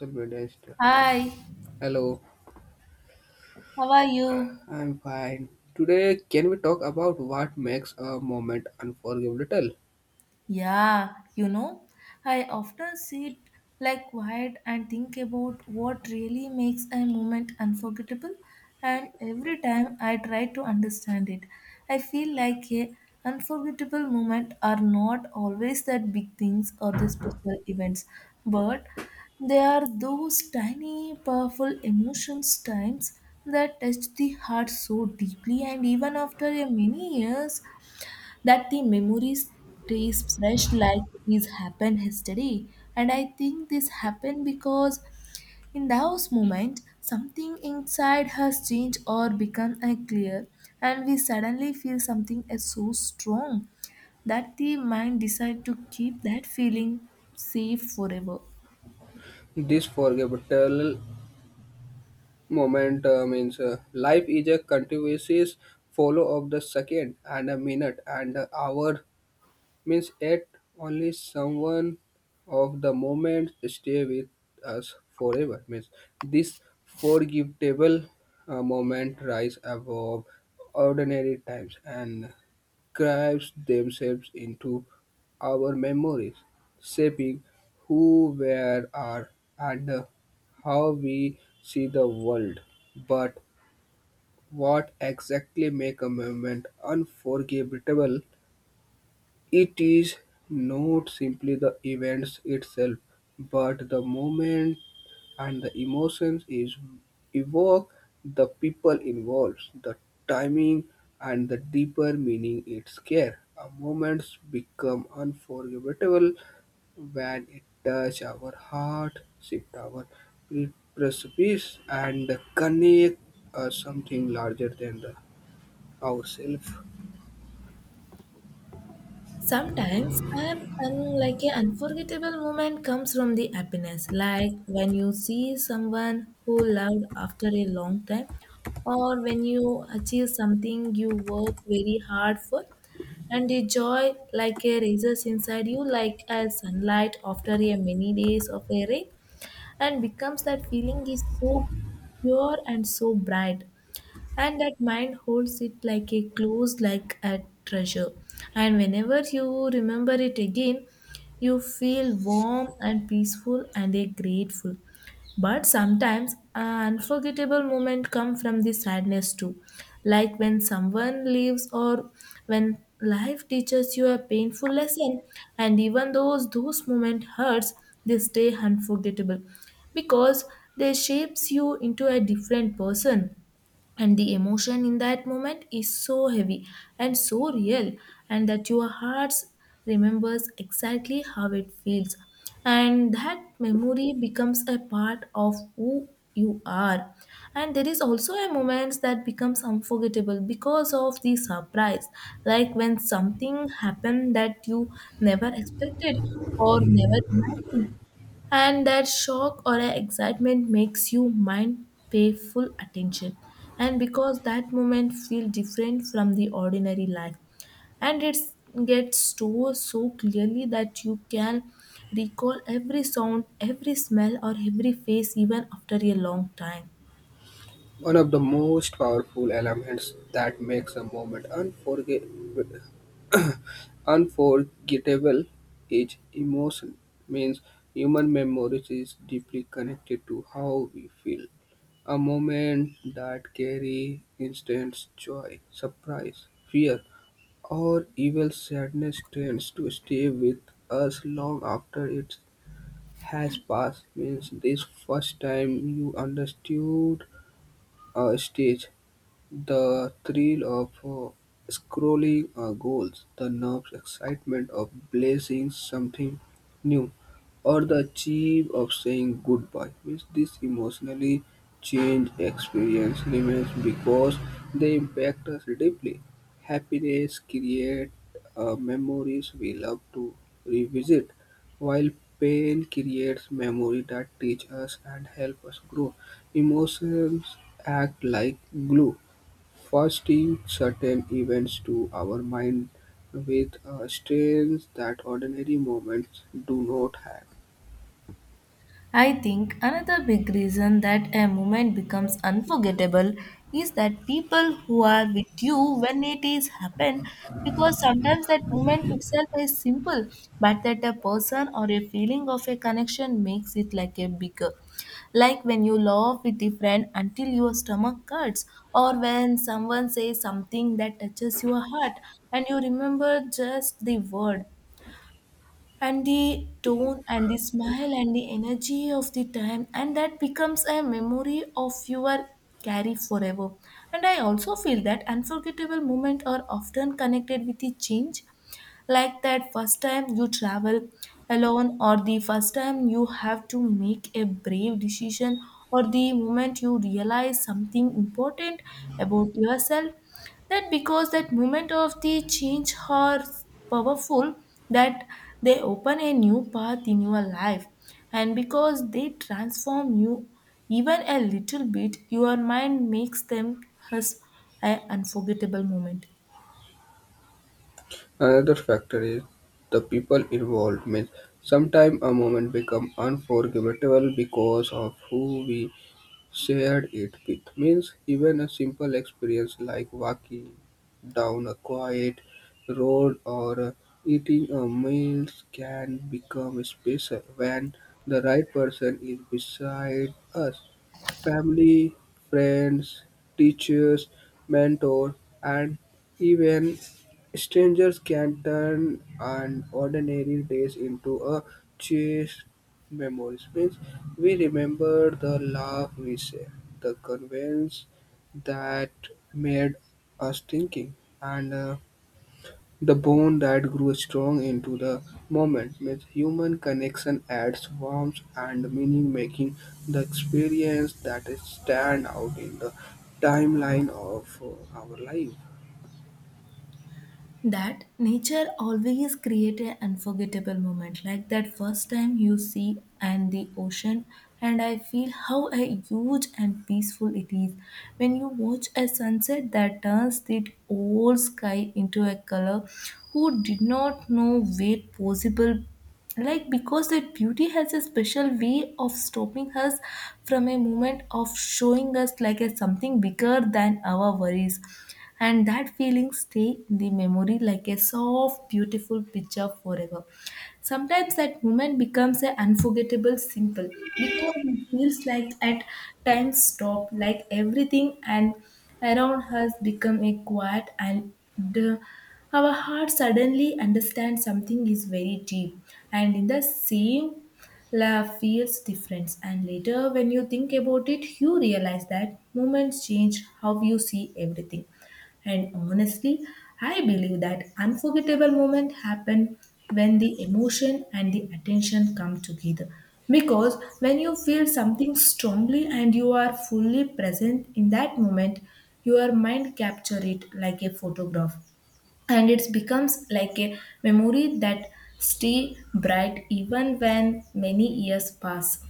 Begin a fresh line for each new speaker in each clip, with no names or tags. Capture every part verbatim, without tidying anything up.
The Minister.
Hi,
Hello,
how are you?
I'm fine. Today, can we talk about what makes a moment unforgettable?
Yeah, you know, I often sit like quiet and think about what really makes a moment unforgettable, and every time I try to understand it, I feel like a unforgettable moment are not always that big things or the special events, but they are those tiny, powerful emotions times that touch the heart so deeply, and even after a many years, that the memory stays fresh like these happen yesterday. And I think this happened because in those moments something inside has changed or become unclear, and we suddenly feel something is so strong that the mind decides to keep that feeling safe forever.
This forgettable moment uh, means uh, life is a continuous follow of the second and a minute and a hour means yet only someone of the moment stay with us forever means this forgettable uh, moment rise above ordinary times and carves themselves into our memories shaping who we are and how we see the world but what exactly make a moment unforgettable it is not simply the events itself, but the moment and the emotions is evoke, the people involved, the timing, and the deeper meaning it carries. A moment become unforgettable when it touch our heart, shift our pre- precipice, and connect us something larger than the ourselves.
Sometimes an, un- like an unforgettable moment comes from the happiness, like when you see someone who loved after a long time, or when you achieve something you work very hard for, and the joy like a rises inside you, like a sunlight after a many days of a rain, and becomes that feeling is so pure and so bright, and that mind holds it like a close like a treasure, and whenever you remember it again you feel warm and peaceful and a grateful. But sometimes an unforgettable moment come from the sadness too, like when someone leaves or when life teaches you a painful lesson, and even though those moments hurts they stay unforgettable because they shapes you into a different person, and the emotion in that moment is so heavy and so real, and that your heart remembers exactly how it feels, and that memory becomes a part of who you are. And there is also a moments that becomes unforgettable because of the surprise, like when something happened that you never expected or never imagined, and that shock or a excitement makes you mind pay full attention, and because that moment feel different from the ordinary life, and it gets stored so clearly that you can recall every sound, every smell, or every face even after a long time.
One of the most powerful elements that makes a moment unforgettable unforgettable is emotion means human memory is deeply connected to how we feel a moment that carry instant joy surprise fear or even sadness tends to stay with us long after it has passed means this first time you understood a stage the thrill of uh, scrolling uh, goals, the nerves excitement of blazing something new, or the achieve of saying goodbye. Means this emotionally change experience remains because they impact us deeply. Happiness create uh, memories we love to revisit, while pain creates memory that teach us and help us grow. Emotions act like glue Fasting certain events to our mind with a strength that ordinary moments do not have.
I think another big reason that a moment becomes unforgettable is that people who are with you when it is happened, because sometimes that moment itself is simple but that a person or a feeling of a connection makes it like a bigger, like when you laugh with a friend until your stomach hurts or when someone says something that touches your heart, and you remember just the word and the tone and the smile and the energy of the time, and that becomes a memory of your carry forever. And I also feel that unforgettable moments are often connected with the change, like that first time you travel alone, or the first time you have to make a brave decision, or the moment you realize something important about yourself, that because that moment of the change are powerful, that they open a new path in your life, and because they transform you even a little bit, your mind makes them as an unforgettable moment.
Another factor is the people involved means sometimes a moment become unforgettable because of who we shared it with. Means even a simple experience like walking down a quiet road or uh, eating a meal can become special when the right person is beside us. Family, friends, teachers, mentors, and even strangers can turn an ordinary days into a cherished memories. Means we remember the laugh we share, the convenience that made us thinking, and uh, the bond that grew strong into the moment with human connection adds warmth and meaning, making the experience that is stand out in the timeline of uh, our life.
That nature always create an unforgettable moment, like that first time you see and the ocean, and I feel how a huge and peaceful it is, when you watch a sunset that turns the whole sky into a color who did not know were possible, like because that beauty has a special way of stopping us from a moment of showing us like a something bigger than our worries, and that feeling stay in the memory like a soft beautiful picture forever. Sometimes that moment becomes a unforgettable simple because it feels like at times stop, like everything and around us become a quiet and our heart suddenly understands something is very deep, and in the same love feels different, and later when you think about it you realize that moments change how you see everything. And honestly, I believe that unforgettable moments happen when the emotion and the attention come together. Because when you feel something strongly and you are fully present in that moment, your mind capture it like a photograph, and it becomes like a memory that stay bright even when many years pass.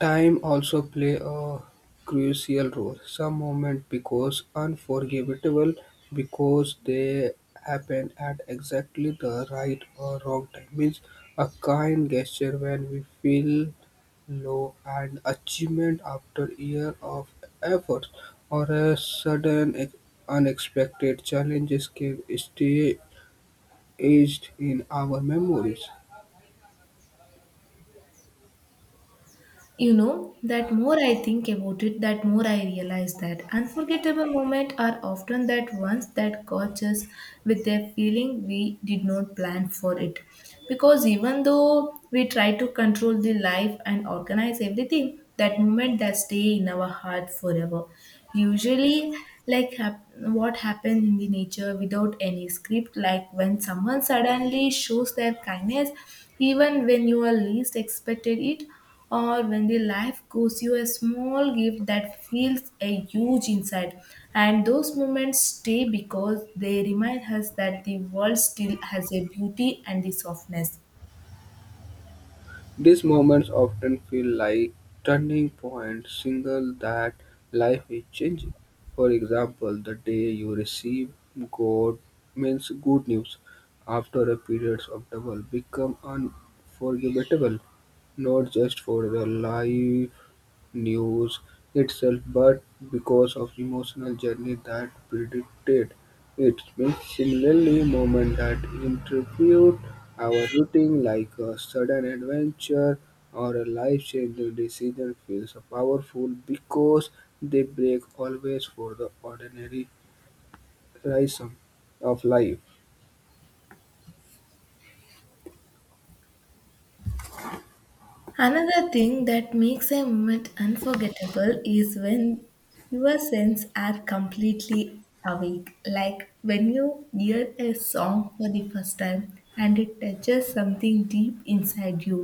Time also play a crucial role. Some moments become unforgettable because they happen at exactly the right or wrong time. Means a kind gesture when we feel low, an achievement after year of effort, or a sudden ex- unexpected challenges can stay aged in our memories.
You know, that more I think about it, that more I realize that unforgettable moments are often that ones that catch us with a feeling we did not plan for it. Because even though we try to control the life and organize everything, that moment that stay in our heart forever. Usually, like hap- what happened in the nature without any script, like when someone suddenly shows their kindness, even when you are least expected it, or when the life gives you a small gift that feels a huge inside, and those moments stay because they remind us that the world still has a beauty and the softness.
These moments often feel like turning point, signal that life is changing. For example, the day you receive God means good news after a period of trouble become unforgettable, not just for your life news itself but because of emotional journey that predicted it. Means similarly moment that interpret our routine like a sudden adventure or a life-changing decision feels powerful because they break always for the ordinary rhythm of life.
Another thing that makes a moment unforgettable is when your senses are completely awake, like when you hear a song for the first time and it touches something deep inside you,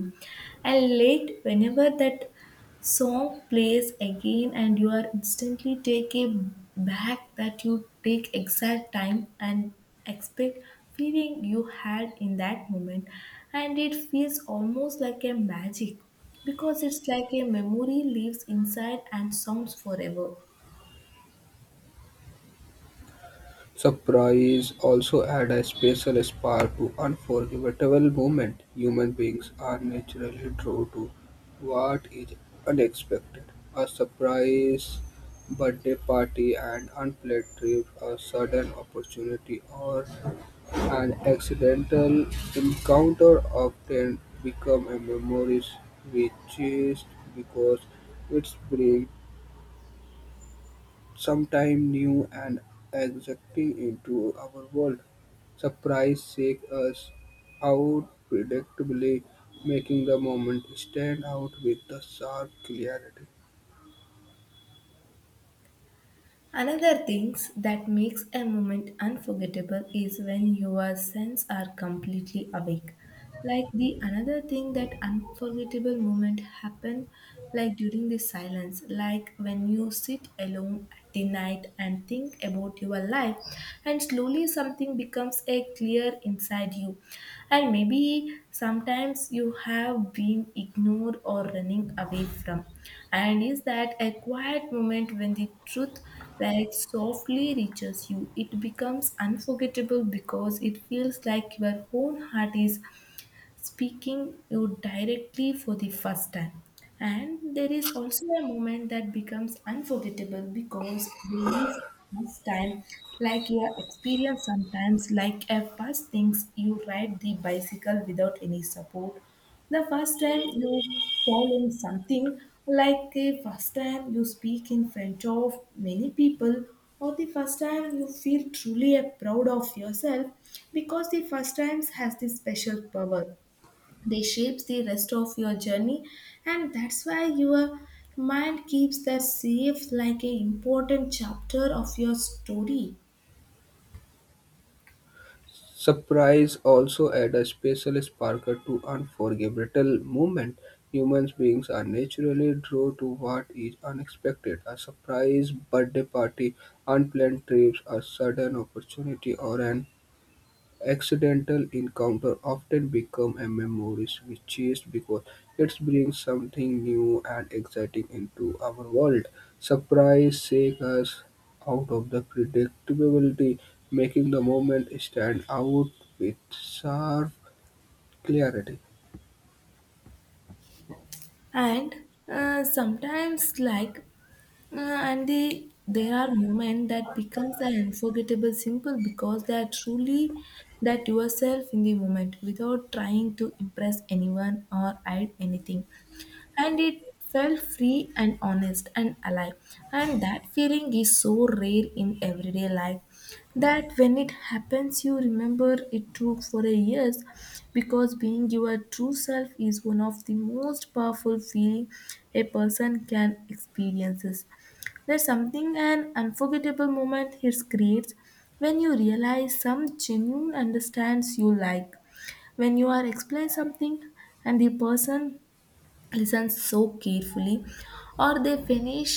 and late whenever that song plays again, and you are instantly taken back that you take exact time and expect feeling you had in that moment. And it feels almost like a magic because it's like a memory lives inside and sounds forever.
Surprise also adds a special spark to unforgettable moments. Human beings are naturally drawn to what is unexpected. A surprise birthday party, an unplanned trip, a sudden opportunity, or an accidental encounter often become a memories we cherish because it's brings sometime new and exciting into our world. Surprise shake us out predictably, making the moment stand out with the sharp clarity.
Another things that makes a moment unforgettable is when your senses are completely awake. Like the another thing that unforgettable moment happen like during the silence, like when you sit alone at the night and think about your life, and slowly something becomes a clear inside you, and maybe sometimes you have been ignored or running away from, and is that a quiet moment when the truth like softly reaches you, it becomes unforgettable because it feels like your own heart is speaking you directly for the first time. And there is also a moment that becomes unforgettable because these first time, like your experience sometimes, like a first things you ride the bicycle without any support. The first time you fall in something, like the first time you speak in front of many people, or the first time you feel truly a proud of yourself, because the first times has this special power, they shapes the rest of your journey, and that's why your mind keeps that safe like an important chapter of your story.
Surprise also add a special sparkle to unforgettable moment. Humans beings are naturally drawn to what is unexpected. A surprise birthday party, unplanned trips, a sudden opportunity, or an accidental encounter often become a memories we chase because it brings something new and exciting into our world. Surprise shake us out of the predictability, making the moment stand out with sharp clarity.
And uh, sometimes like Uh, and they, there are moments that becomes an unforgettable simple because they are truly that yourself in the moment without trying to impress anyone or hide anything. And it felt free and honest and alive. And that feeling is so rare in everyday life that when it happens you remember it took for a years, because being your true self is one of the most powerful feeling a person can experiences. There's something an unforgettable moment it creates when you realize some genuine understands you, like when you are explain something and the person listen so carefully, or they finish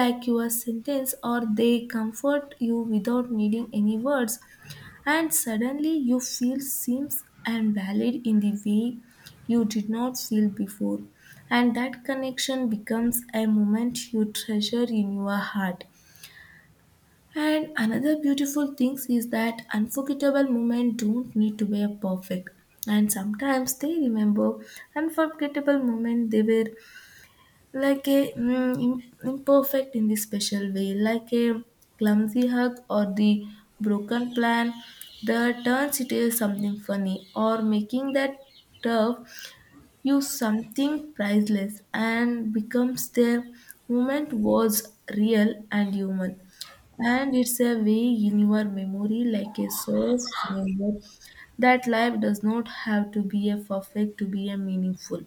like your sentence, or they comfort you without needing any words, and suddenly you feel seems and valid in the way you did not feel before, and that connection becomes a moment you treasure in your heart. And another beautiful thing is that unforgettable moments don't need to be perfect. And sometimes they remember unforgettable moments they were like a mm, im- imperfect in the special way, like a clumsy hug or the broken plan that turns it into something funny, or making that turf use something priceless, and becomes their moment was real and human, and it's a way in your memory like a source memory that life does not have to be a perfect to be a meaningful.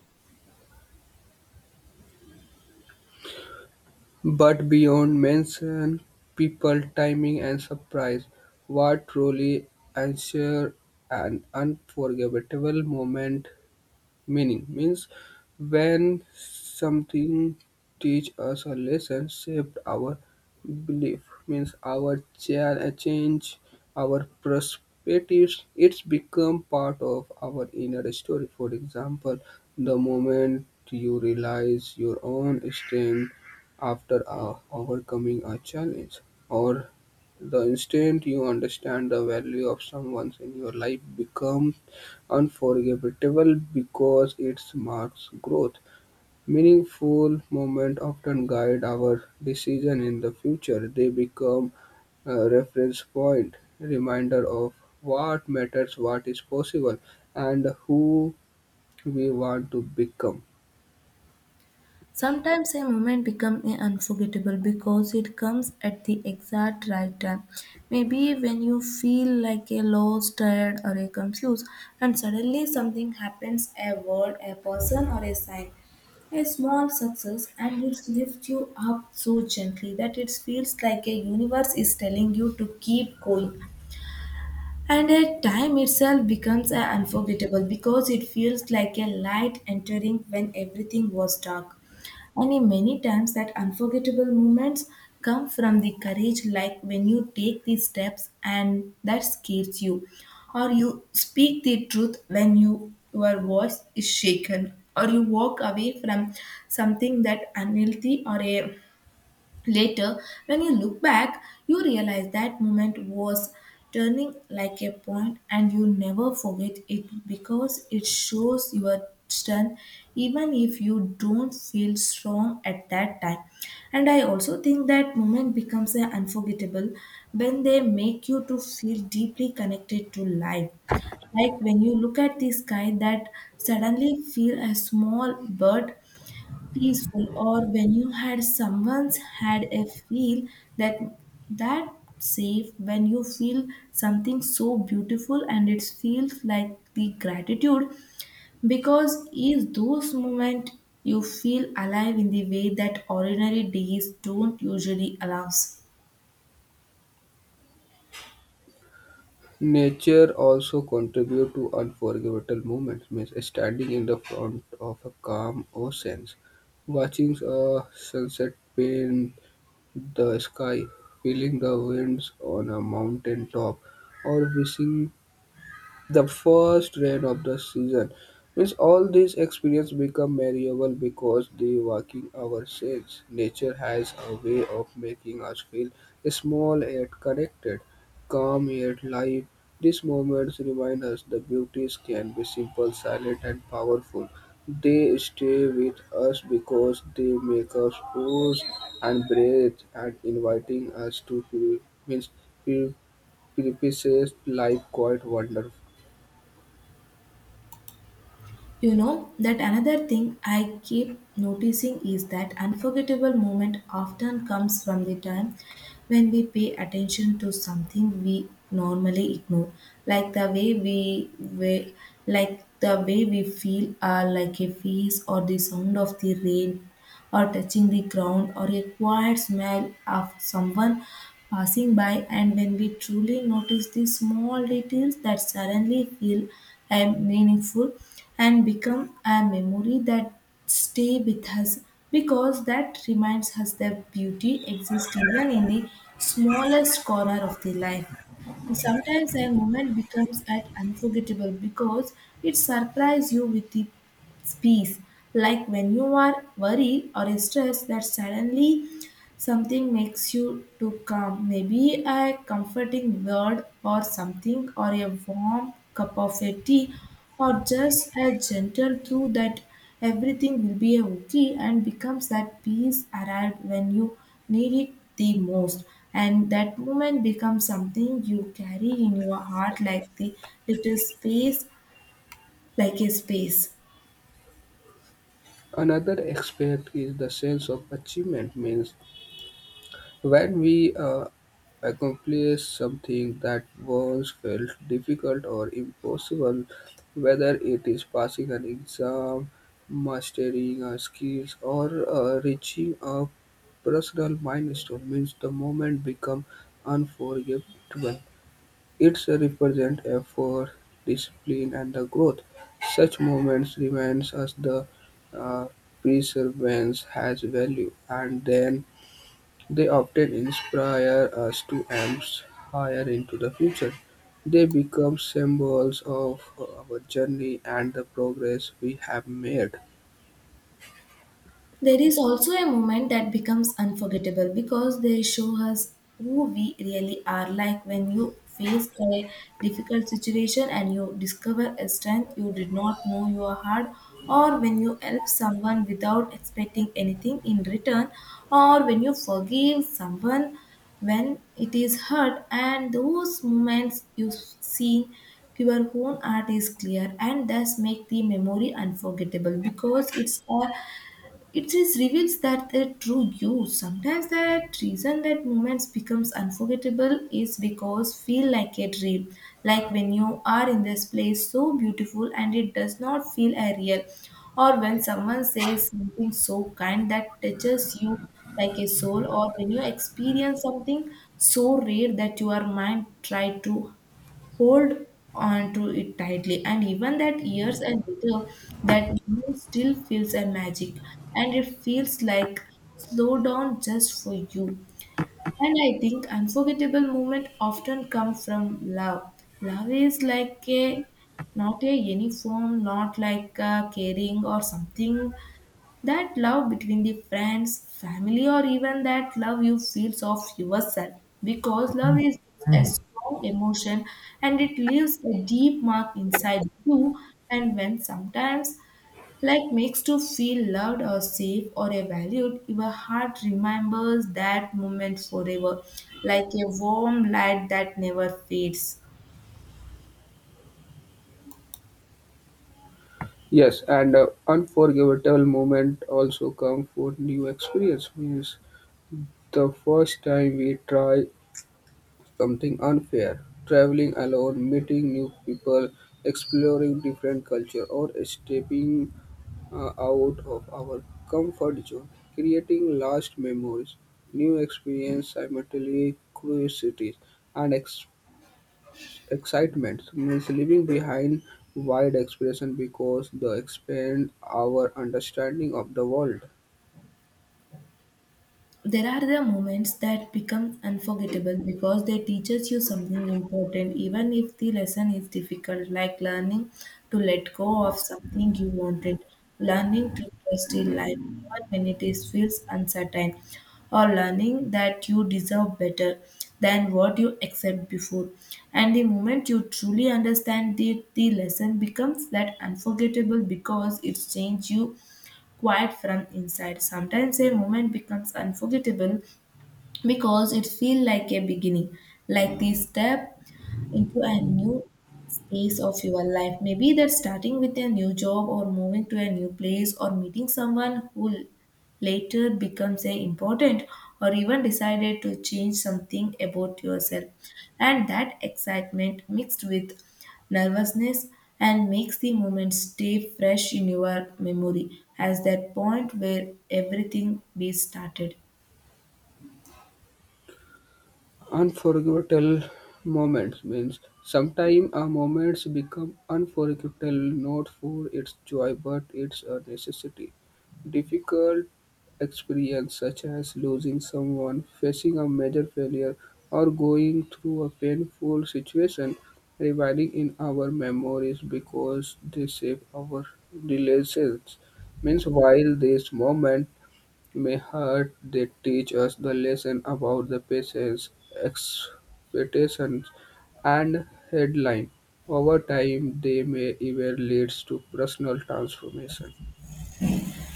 But beyond mention, people, timing, and surprise, what truly ensure an unforgettable moment meaning means when something teach us a lesson, shaped our belief, means our cha- change, our perspectives, it's become part of our inner story. For example, the moment you realize your own strength after uh, overcoming a challenge, or the instant you understand the value of someone in your life become unforgettable because it marks growth. Meaningful moments often guide our decision in the future. They become a reference point, reminder of what matters, what is possible, and who we want to become.
Sometimes a moment becomes unforgettable because it comes at the exact right time. Maybe when you feel like a lost, tired, or a confused, and suddenly something happens, a word, a person, or a sign, a small success, and it lifts you up so gently that it feels like a universe is telling you to keep going. And at time itself becomes uh, unforgettable because it feels like a light entering when everything was dark. And in many times that unforgettable moments come from the courage, like when you take these steps and that scares you, or you speak the truth when you, your voice is shaken, or you walk away from something that unhealthy or a later, when you look back, you realize that moment was turning like a point, and you never forget it because it shows your strength even if you don't feel strong at that time. And I also think that moment becomes uh, unforgettable when they make you to feel deeply connected to life, like when you look at the sky, that suddenly feel a small bird peaceful, or when you had someone's had a feel that that safe, when you feel something so beautiful and it feels like the gratitude, because is those moment you feel alive in the way that ordinary days don't usually allows.
Nature also contribute to unforgettable moments, means standing in the front of a calm ocean, watching a sunset paint the sky, feeling the winds on a mountain top, or wishing the first rain of the season. Means all these experience become variable because the working hours change. Nature has a way of making us feel small yet connected, calm yet live. These moments remind us the beauties can be simple, silent, and powerful. They stay with us because they make us pause and breathe and inviting us to feel means pre- precipices life quite wonderful.
You know, that another thing I keep noticing is that unforgettable moment often comes from the time when we pay attention to something we normally ignore, like the way we, we like the way we feel, uh, like a face or the sound of the rain or touching the ground or a quiet smell of someone passing by, and when we truly notice the small details that suddenly feel and meaningful and become a memory that stay with us, because that reminds us that beauty exists even in the smallest corner of the life. And sometimes a moment becomes at unforgettable because it surprises you with the peace. Like when you are worried or stressed, that suddenly something makes you to calm. Maybe a comforting word or something, or a warm cup of a tea, or just a gentle through that everything will be okay, and becomes that peace arrived when you need it the most, and that moment becomes something you carry in your heart like the little space, like a space.
Another aspect is the sense of achievement, means when we uh, accomplish something that once felt difficult or impossible, whether it is passing an exam, mastering a skill, or uh, reaching a personal milestone, means the moment become unforgettable. It represents effort, discipline, and the growth. Such moments reminds us the uh, perseverance has value, and then they often inspire us to aim higher into the future. They become symbols of our journey and the progress we have made.
There is also a moment that becomes unforgettable because they show us who we really are, like when you face a difficult situation and you discover a strength you did not know you had, or when you help someone without expecting anything in return, or when you forgive someone when it is hurt, and those moments you see your own art is clear and thus make the memory unforgettable because it's all it just reveals that the true you. Sometimes that reason that moments becomes unforgettable is because feel like a dream. Like when you are in this place so beautiful and it does not feel a real. Or when someone says something so kind that touches you like a soul, or when you experience something so rare that your mind try to hold on to it tightly, and even that years and later that moment still feels a magic, and it feels like slow down just for you. And I think unforgettable moment often come from love. Love is like a not a uniform, not like a caring or something, that love between the friends, family, or even that love you feel of yourself. Because love is a strong emotion and it leaves a deep mark inside you. And when sometimes like makes you feel loved or safe or a valued, your heart remembers that moment forever, like a warm light that never fades.
Yes, and uh, unforgettable moment also come for new experience means the first time we try something unfair. Traveling alone, meeting new people, exploring different culture, or stepping uh, out of our comfort zone, creating last memories, new experience, simultaneously curiosities and ex- excitement means leaving behind wide expression because they expand our understanding of the world.
There are the moments that become unforgettable because they teaches you something important even if the lesson is difficult, like learning to let go of something you wanted, learning to trust in life even when it is feels uncertain, or learning that you deserve better than what you accept before. And the moment you truly understand the, the lesson becomes that unforgettable because it's changed you quiet from inside. Sometimes a moment becomes unforgettable because it feels like a beginning, like the step into a new space of your life. Maybe that's starting with a new job, or moving to a new place, or meeting someone who later becomes a important, or even decided to change something about yourself, and that excitement mixed with nervousness and makes the moment stay fresh in your memory as that point where everything be started.
Unforgettable moments means sometimes a moments become unforgettable not for its joy but its a necessity. Difficult experience such as losing someone, facing a major failure, or going through a painful situation reviving in our memories because they shape our relations. Means while this moment May heart they teach us the lesson about the patience, expectations, and headline. Over time, they may even lead to personal transformation.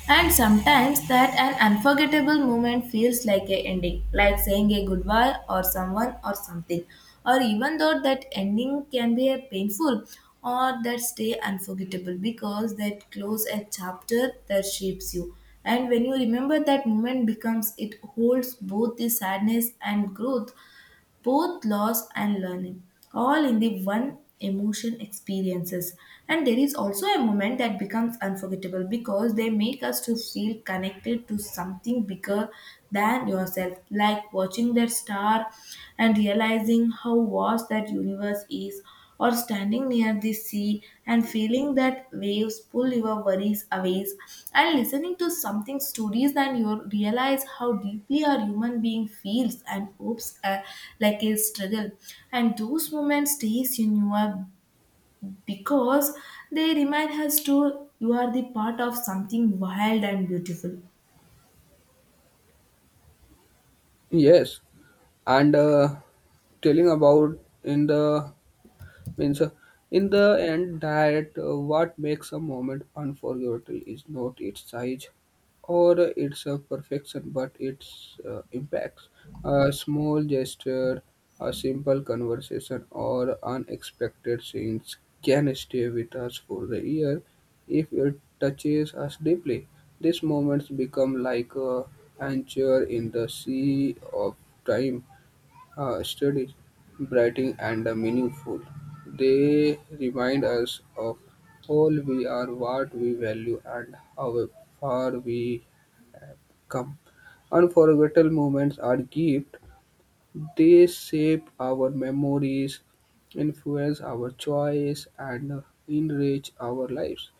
And sometimes that an unforgettable moment feels like a ending, like saying a goodbye or someone or something. Or even though that ending can be a painful, or that stay unforgettable because that close a chapter that shapes you. And when you remember that moment becomes, it holds both the sadness and growth, both loss and learning, all in the one emotion experiences. And there is also a moment that becomes unforgettable because they make us to feel connected to something bigger than yourself, like watching that star and realizing how vast that universe is, or standing near the sea and feeling that waves pull your worries away, and listening to something stories and you realize how deeply a human being feels and hopes, uh, like a struggle, and those moments stays in your because they remind us to you are the part of something wild and beautiful.
Yes, and uh, telling about in the means uh, in the end that uh, what makes a moment unforgettable is not its size or its uh, perfection but its uh, impacts a small gesture a simple conversation or unexpected scenes can stay with us for the year if it touches us deeply these moments become like a anchor in the sea of time uh, studies, brighting, and uh, meaningful. They remind us of all we are, what we value, and how far we come. Unforgettable moments are gifts. They shape our memories, influence our choice, and uh, enrich our lives.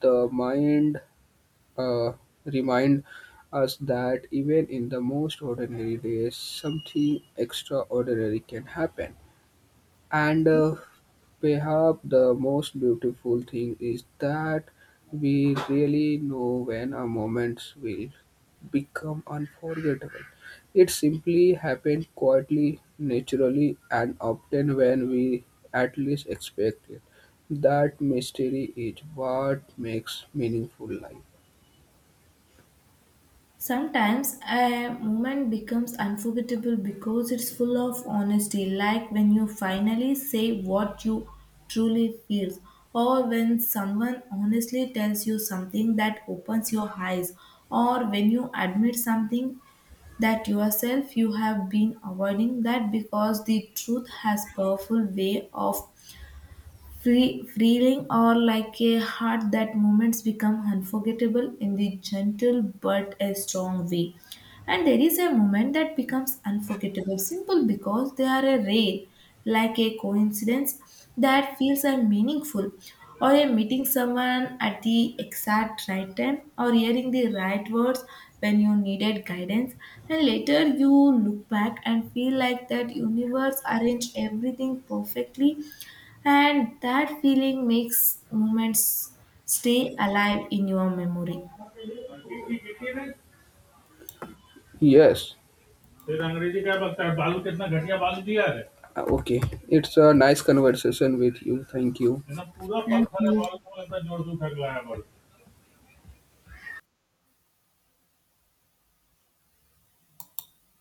The mind uh, remind us that even in the most ordinary days, something extraordinary can happen. And uh, perhaps the most beautiful thing is that we really know when our moments will become unforgettable. It simply happened quietly, naturally, and often when we at least expect it. That mystery is what makes meaningful life.
Sometimes a moment becomes unforgettable because it's full of honesty, like when you finally say what you truly feel, or when someone honestly tells you something that opens your eyes, or when you admit something that yourself you have been avoiding that, because the truth has powerful way of Free, freeling or like a heart, that moments become unforgettable in the gentle but a strong way. And there is a moment that becomes unforgettable, simple because they are a rare, like a coincidence that feels a meaningful, or a meeting someone at the exact right time, or hearing the right words when you needed guidance. And later you look back and feel like that universe arranged everything perfectly, and that feeling makes moments stay alive in your memory.
Yes. फिर अंग्रेजी क्या बकता है, बालू कितना घटिया बालू दिया है. Okay, it's a nice conversation with you. Thank you. है ना, पूरा
Thank
पत्थर है
you.
बालू को लगता है जोड़ दूं फेंक लाया बालू।